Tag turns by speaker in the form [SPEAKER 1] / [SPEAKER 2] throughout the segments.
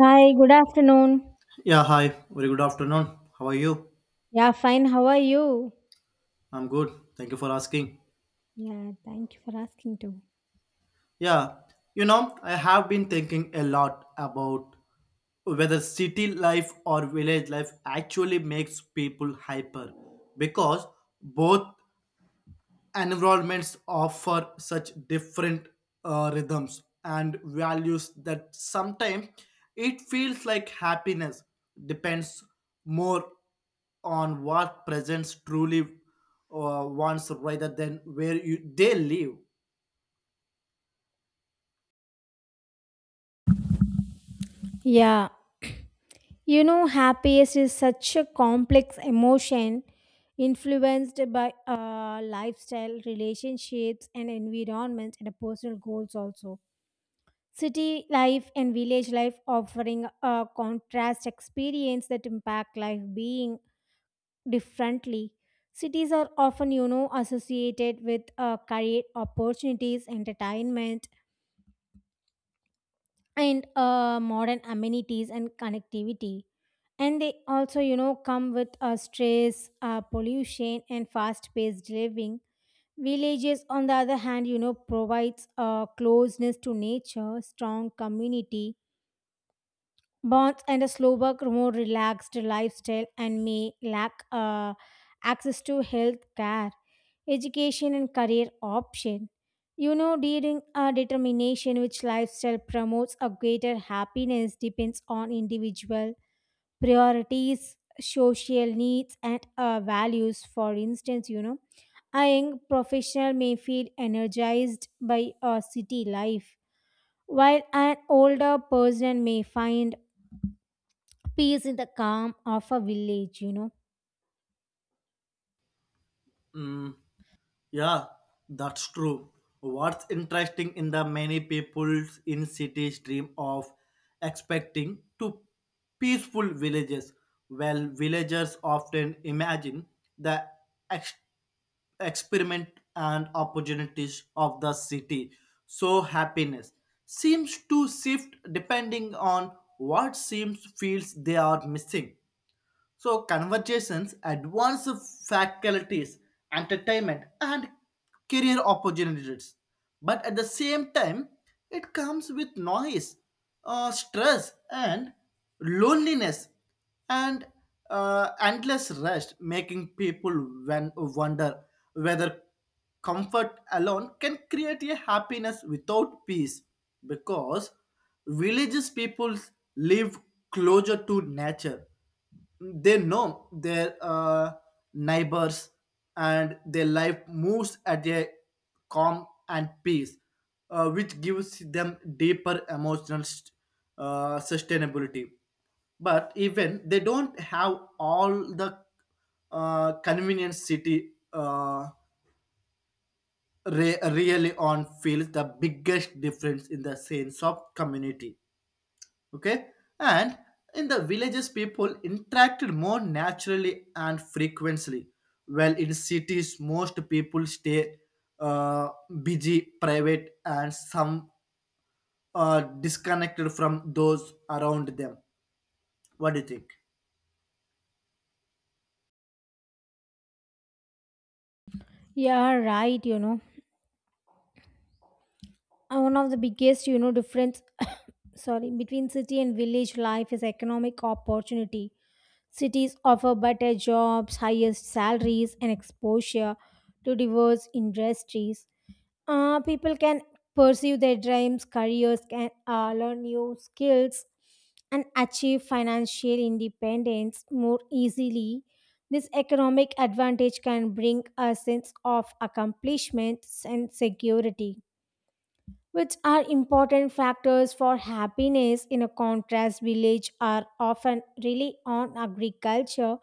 [SPEAKER 1] Hi, good afternoon.
[SPEAKER 2] Yeah, hi. Very good afternoon. How are you?
[SPEAKER 1] Yeah, fine. How are you?
[SPEAKER 2] I'm good. Thank you for asking.
[SPEAKER 1] Yeah, thank you for asking too.
[SPEAKER 2] Yeah, I have been thinking a lot about whether city life or village life actually makes people hyper because both environments offer such different rhythms and values that sometimes it feels like happiness depends more on what presence truly wants rather than where you they live.
[SPEAKER 1] Yeah, happiness is such a complex emotion influenced by lifestyle, relationships, and environment, and personal goals also. City life and village life offering a contrast experience that impact life being differently. Cities are often, associated with career opportunities, entertainment, and modern amenities and connectivity. And they also, come with stress, pollution, and fast-paced living. Villages, on the other hand, provides closeness to nature, strong community, bonds and a slower, more relaxed lifestyle and may lack access to health care, education, and career option. During a determination which lifestyle promotes a greater happiness depends on individual priorities, social needs, and values. For instance, a young professional may feel energized by a city life, while an older person may find peace in the calm of a village.
[SPEAKER 2] Mm, Yeah, that's true. What's interesting in the many people in cities dream of expecting to peaceful villages. Well, villagers often imagine the ex- experiment and opportunities of the city. So happiness seems to shift depending on what seems feels they are missing. So, conversations, advanced faculties, entertainment, and career opportunities. But at the same time, it comes with noise, stress, and loneliness, and endless rest, making people wonder whether comfort alone can create a happiness without peace because villages people live closer to nature. They know their neighbors and their life moves at a calm and peace, which gives them deeper emotional sustainability. But even they don't have all the convenience city really on feels the biggest difference in the sense of community, okay, and in the villages people interacted more naturally and frequently while in cities most people stay uh, busy private and some disconnected from those around them. What do you think?
[SPEAKER 1] Yeah, right. One of the biggest difference sorry, between city and village life is economic opportunity. Cities offer better jobs, highest salaries, and exposure to diverse industries. People can pursue their dreams, careers, can learn new skills and achieve financial independence more easily. This economic advantage can bring a sense of accomplishment and security, which are important factors for happiness. In a contrast, village are often really on agriculture,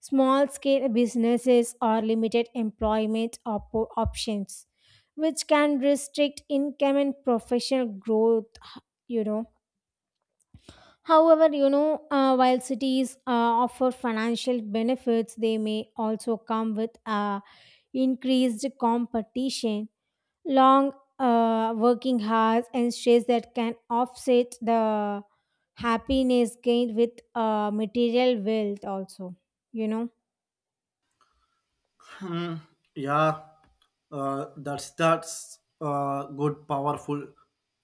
[SPEAKER 1] small scale businesses, or limited employment options, which can restrict income and professional growth, you know however, while cities offer financial benefits, they may also come with increased competition, long working hours, and stress that can offset the happiness gained with material wealth also you know
[SPEAKER 2] Hmm, yeah, that's good powerful,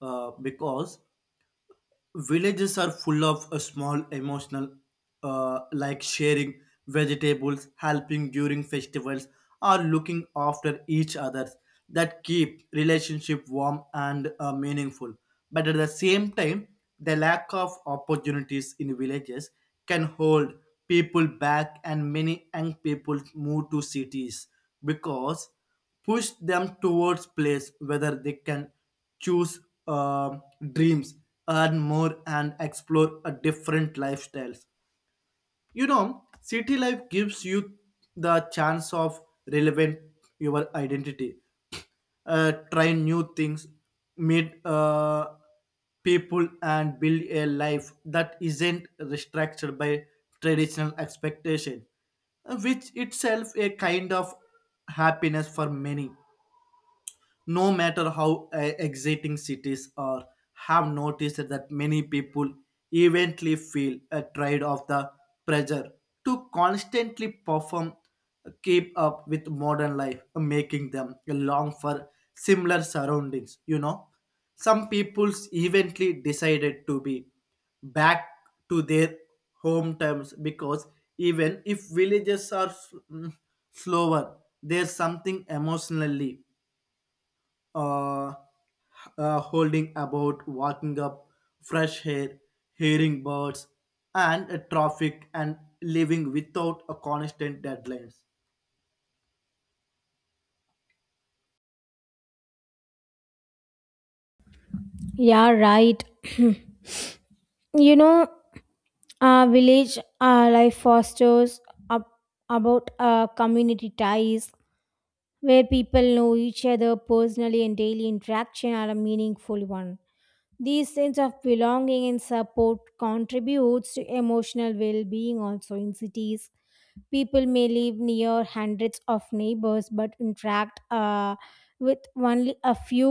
[SPEAKER 2] because villages are full of a small emotional, like sharing vegetables, helping during festivals, or looking after each other, that keep relationship warm and meaningful. But at the same time, the lack of opportunities in villages can hold people back and many young people move to cities because push them towards place whether they can choose uh, dreams, earn more, and explore a different lifestyles. You know, city life gives you the chance of relevant your identity, try new things, meet people, and build a life that isn't restricted by traditional expectation, which itself a kind of happiness for many no matter how exciting cities are. Have noticed that many people eventually feel a trade of the pressure to constantly perform, keep up with modern life, making them long for similar surroundings, you know. Some peoples eventually decided to be back to their home terms because even if villages are slower, there's something emotionally uh, holding about walking up fresh air, hearing birds and traffic and living without a constant deadlines.
[SPEAKER 1] yeah, right. you know village life fosters ab- about community ties where people know each other personally and daily interaction are a meaningful one. This sense of belonging and support contributes to emotional well being also in cities. People may live near hundreds of neighbors but interact with only a few.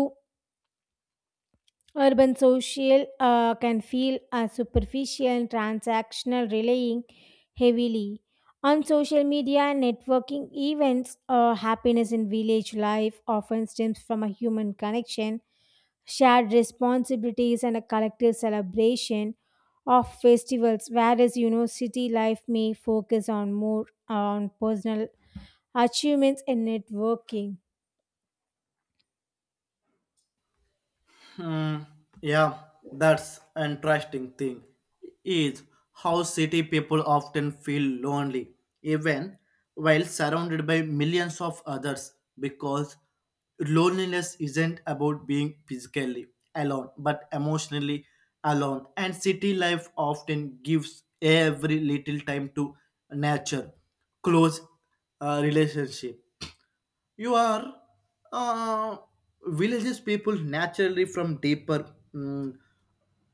[SPEAKER 1] Urban social can feel superficial and transactional, relying heavily on social media and networking events. Happiness in village life often stems from a human connection, shared responsibilities, and a collective celebration of festivals. Whereas, city life may focus on more on personal achievements and networking.
[SPEAKER 2] Hmm. Yeah, that's interesting thing is how city people often feel lonely even while surrounded by millions of others because loneliness isn't about being physically alone but emotionally alone, and city life often gives every little time to nature close relationship. You are uh, villages people naturally from deeper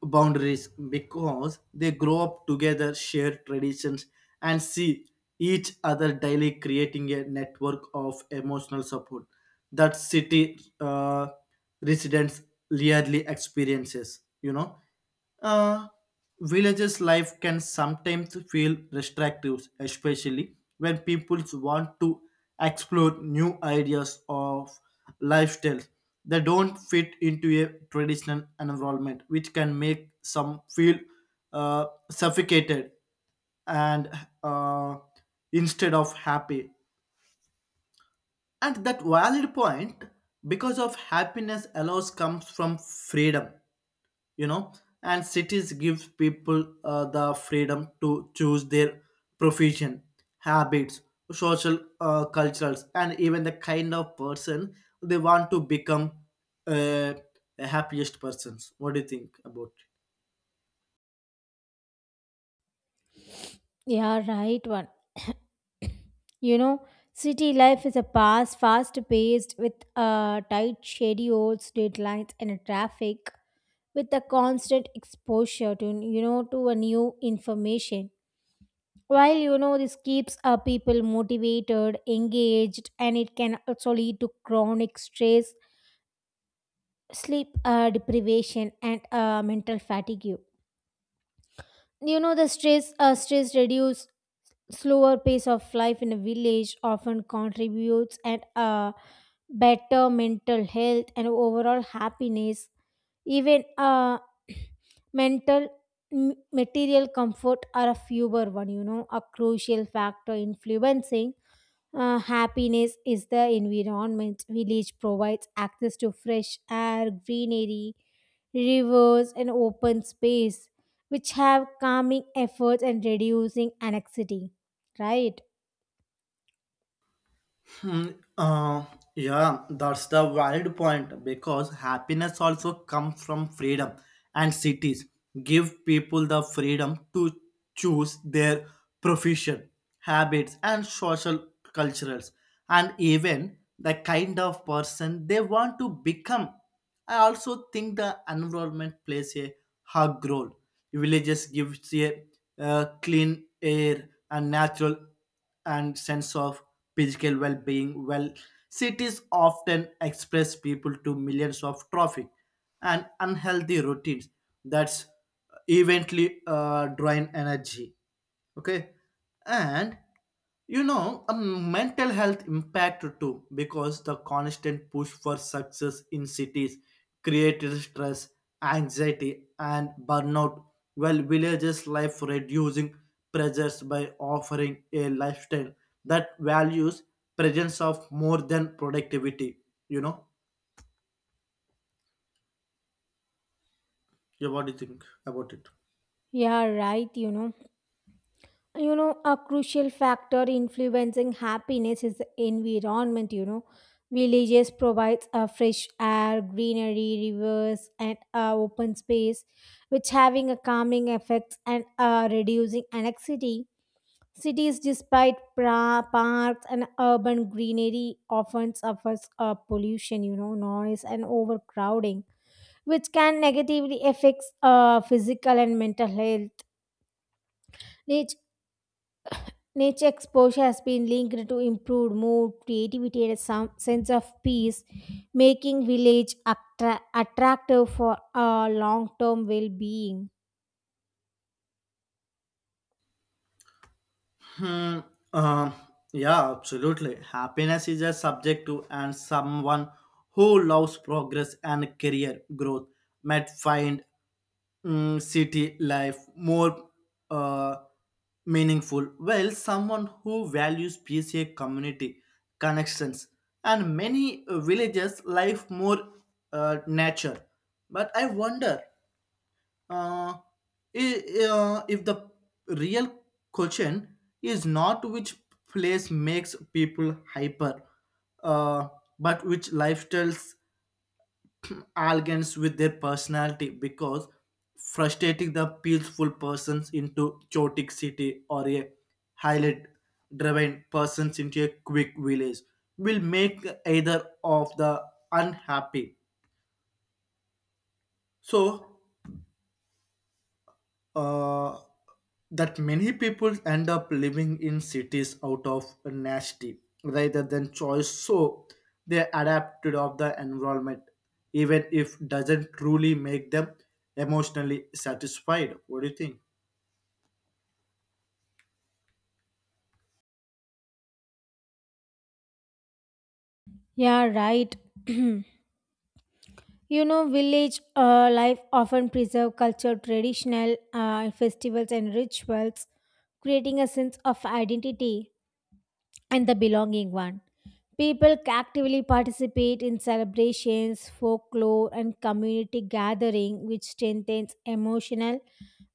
[SPEAKER 2] boundaries because they grow up together, share traditions, and see each other daily, creating a network of emotional support that city residents rarely experiences, you know. uh, Villages life can sometimes feel restrictive, especially when people want to explore new ideas of lifestyles that don't fit into a traditional environment, which can make some feel suffocated and uh, instead of happy. And that valid point because of happiness allows comes from freedom, you know, and cities give people the freedom to choose their profession, habits, social cultures, and even the kind of person they want to become, uh, the happiest persons. What do you think about it?
[SPEAKER 1] Yeah, right one. You know, city life is a past, fast paced, with tight schedules, deadlines, and traffic, with a constant exposure to to a new information. While this keeps people motivated, engaged, and it can also lead to chronic stress, sleep deprivation, and mental fatigue. You know, the stress, reduce slower pace of life in a village often contributes at a better mental health and overall happiness, even mental material comfort are a fewer one. You know, a crucial factor influencing happiness is the environment. Village provides access to fresh air, greenery, rivers, and open space, which have calming efforts and reducing anxiety. Right?
[SPEAKER 2] Hmm, uh, yeah, that's the valid point because happiness also comes from freedom, and cities give people the freedom to choose their profession, habits, and social cultures, and even the kind of person they want to become. I also think the environment plays a hug role. Villages gives a clean air and natural and sense of physical well-being well cities often express people to millions of traffic and unhealthy routines that's eventually drain energy, okay, and you know a mental health impact too because the constant push for success in cities created stress, anxiety, and burnout while villages life reducing pressures by offering a lifestyle that values presence of more than productivity, you know. Yeah, what do you think about it?
[SPEAKER 1] Yeah, right, a crucial factor influencing happiness is the environment. Villages provides a fresh air, greenery, rivers, and open space, which having a calming effect and reducing anxiety. Cities, despite parks and urban greenery, often suffers pollution, noise, and overcrowding, which can negatively affect physical and mental health. Nature exposure has been linked to improved mood, creativity, and a some sense of peace, making village attractive for long-term well-being.
[SPEAKER 2] Hmm. Uh, yeah, absolutely. Happiness is a subjective, and someone who loves progress and career growth might find city life more uh, meaningful. While someone who values peace, a community connections, and many villages life more nature. But I wonder uh, if the real question is not which place makes people hyper, uh, but which lifestyles aligns with their personality because frustrating the peaceful persons into chaotic city or a highly driven persons into a quick village will make either of the unhappy. So uh, that many people end up living in cities out of nasty rather than choice, so they adapted of the environment even if doesn't truly make them emotionally satisfied. What do you think?
[SPEAKER 1] Yeah, right. Village life often preserve culture, traditional festivals, and rituals, creating a sense of identity and the belonging one. People actively participate in celebrations, folklore, and community gathering, which strengthens emotional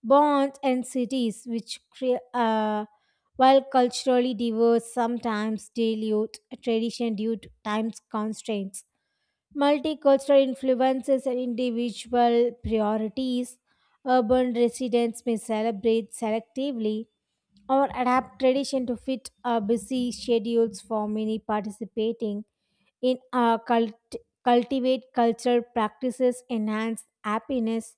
[SPEAKER 1] bonds and cities, which while culturally diverse, sometimes dilute tradition due to time's constraints. Multicultural influences and individual priorities. Urban residents may celebrate selectively or adapt tradition to fit busy schedules. For many participating in cultivate cultural practices enhance happiness,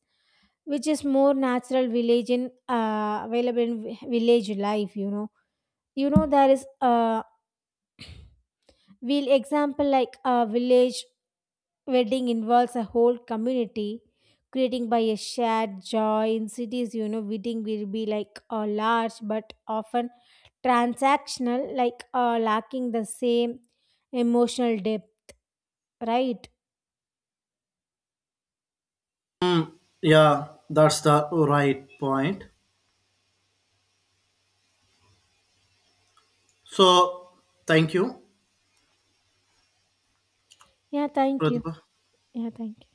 [SPEAKER 1] which is more natural village in available in village life, there is a real example, like a village wedding involves a whole community, creating by a shared joy. In cities, wedding will be like a large but often transactional, like lacking the same emotional depth, right?
[SPEAKER 2] Yeah, that's the right point. So thank you,
[SPEAKER 1] Yeah, thank you.
[SPEAKER 2] Pratibha.
[SPEAKER 1] Yeah, thank you.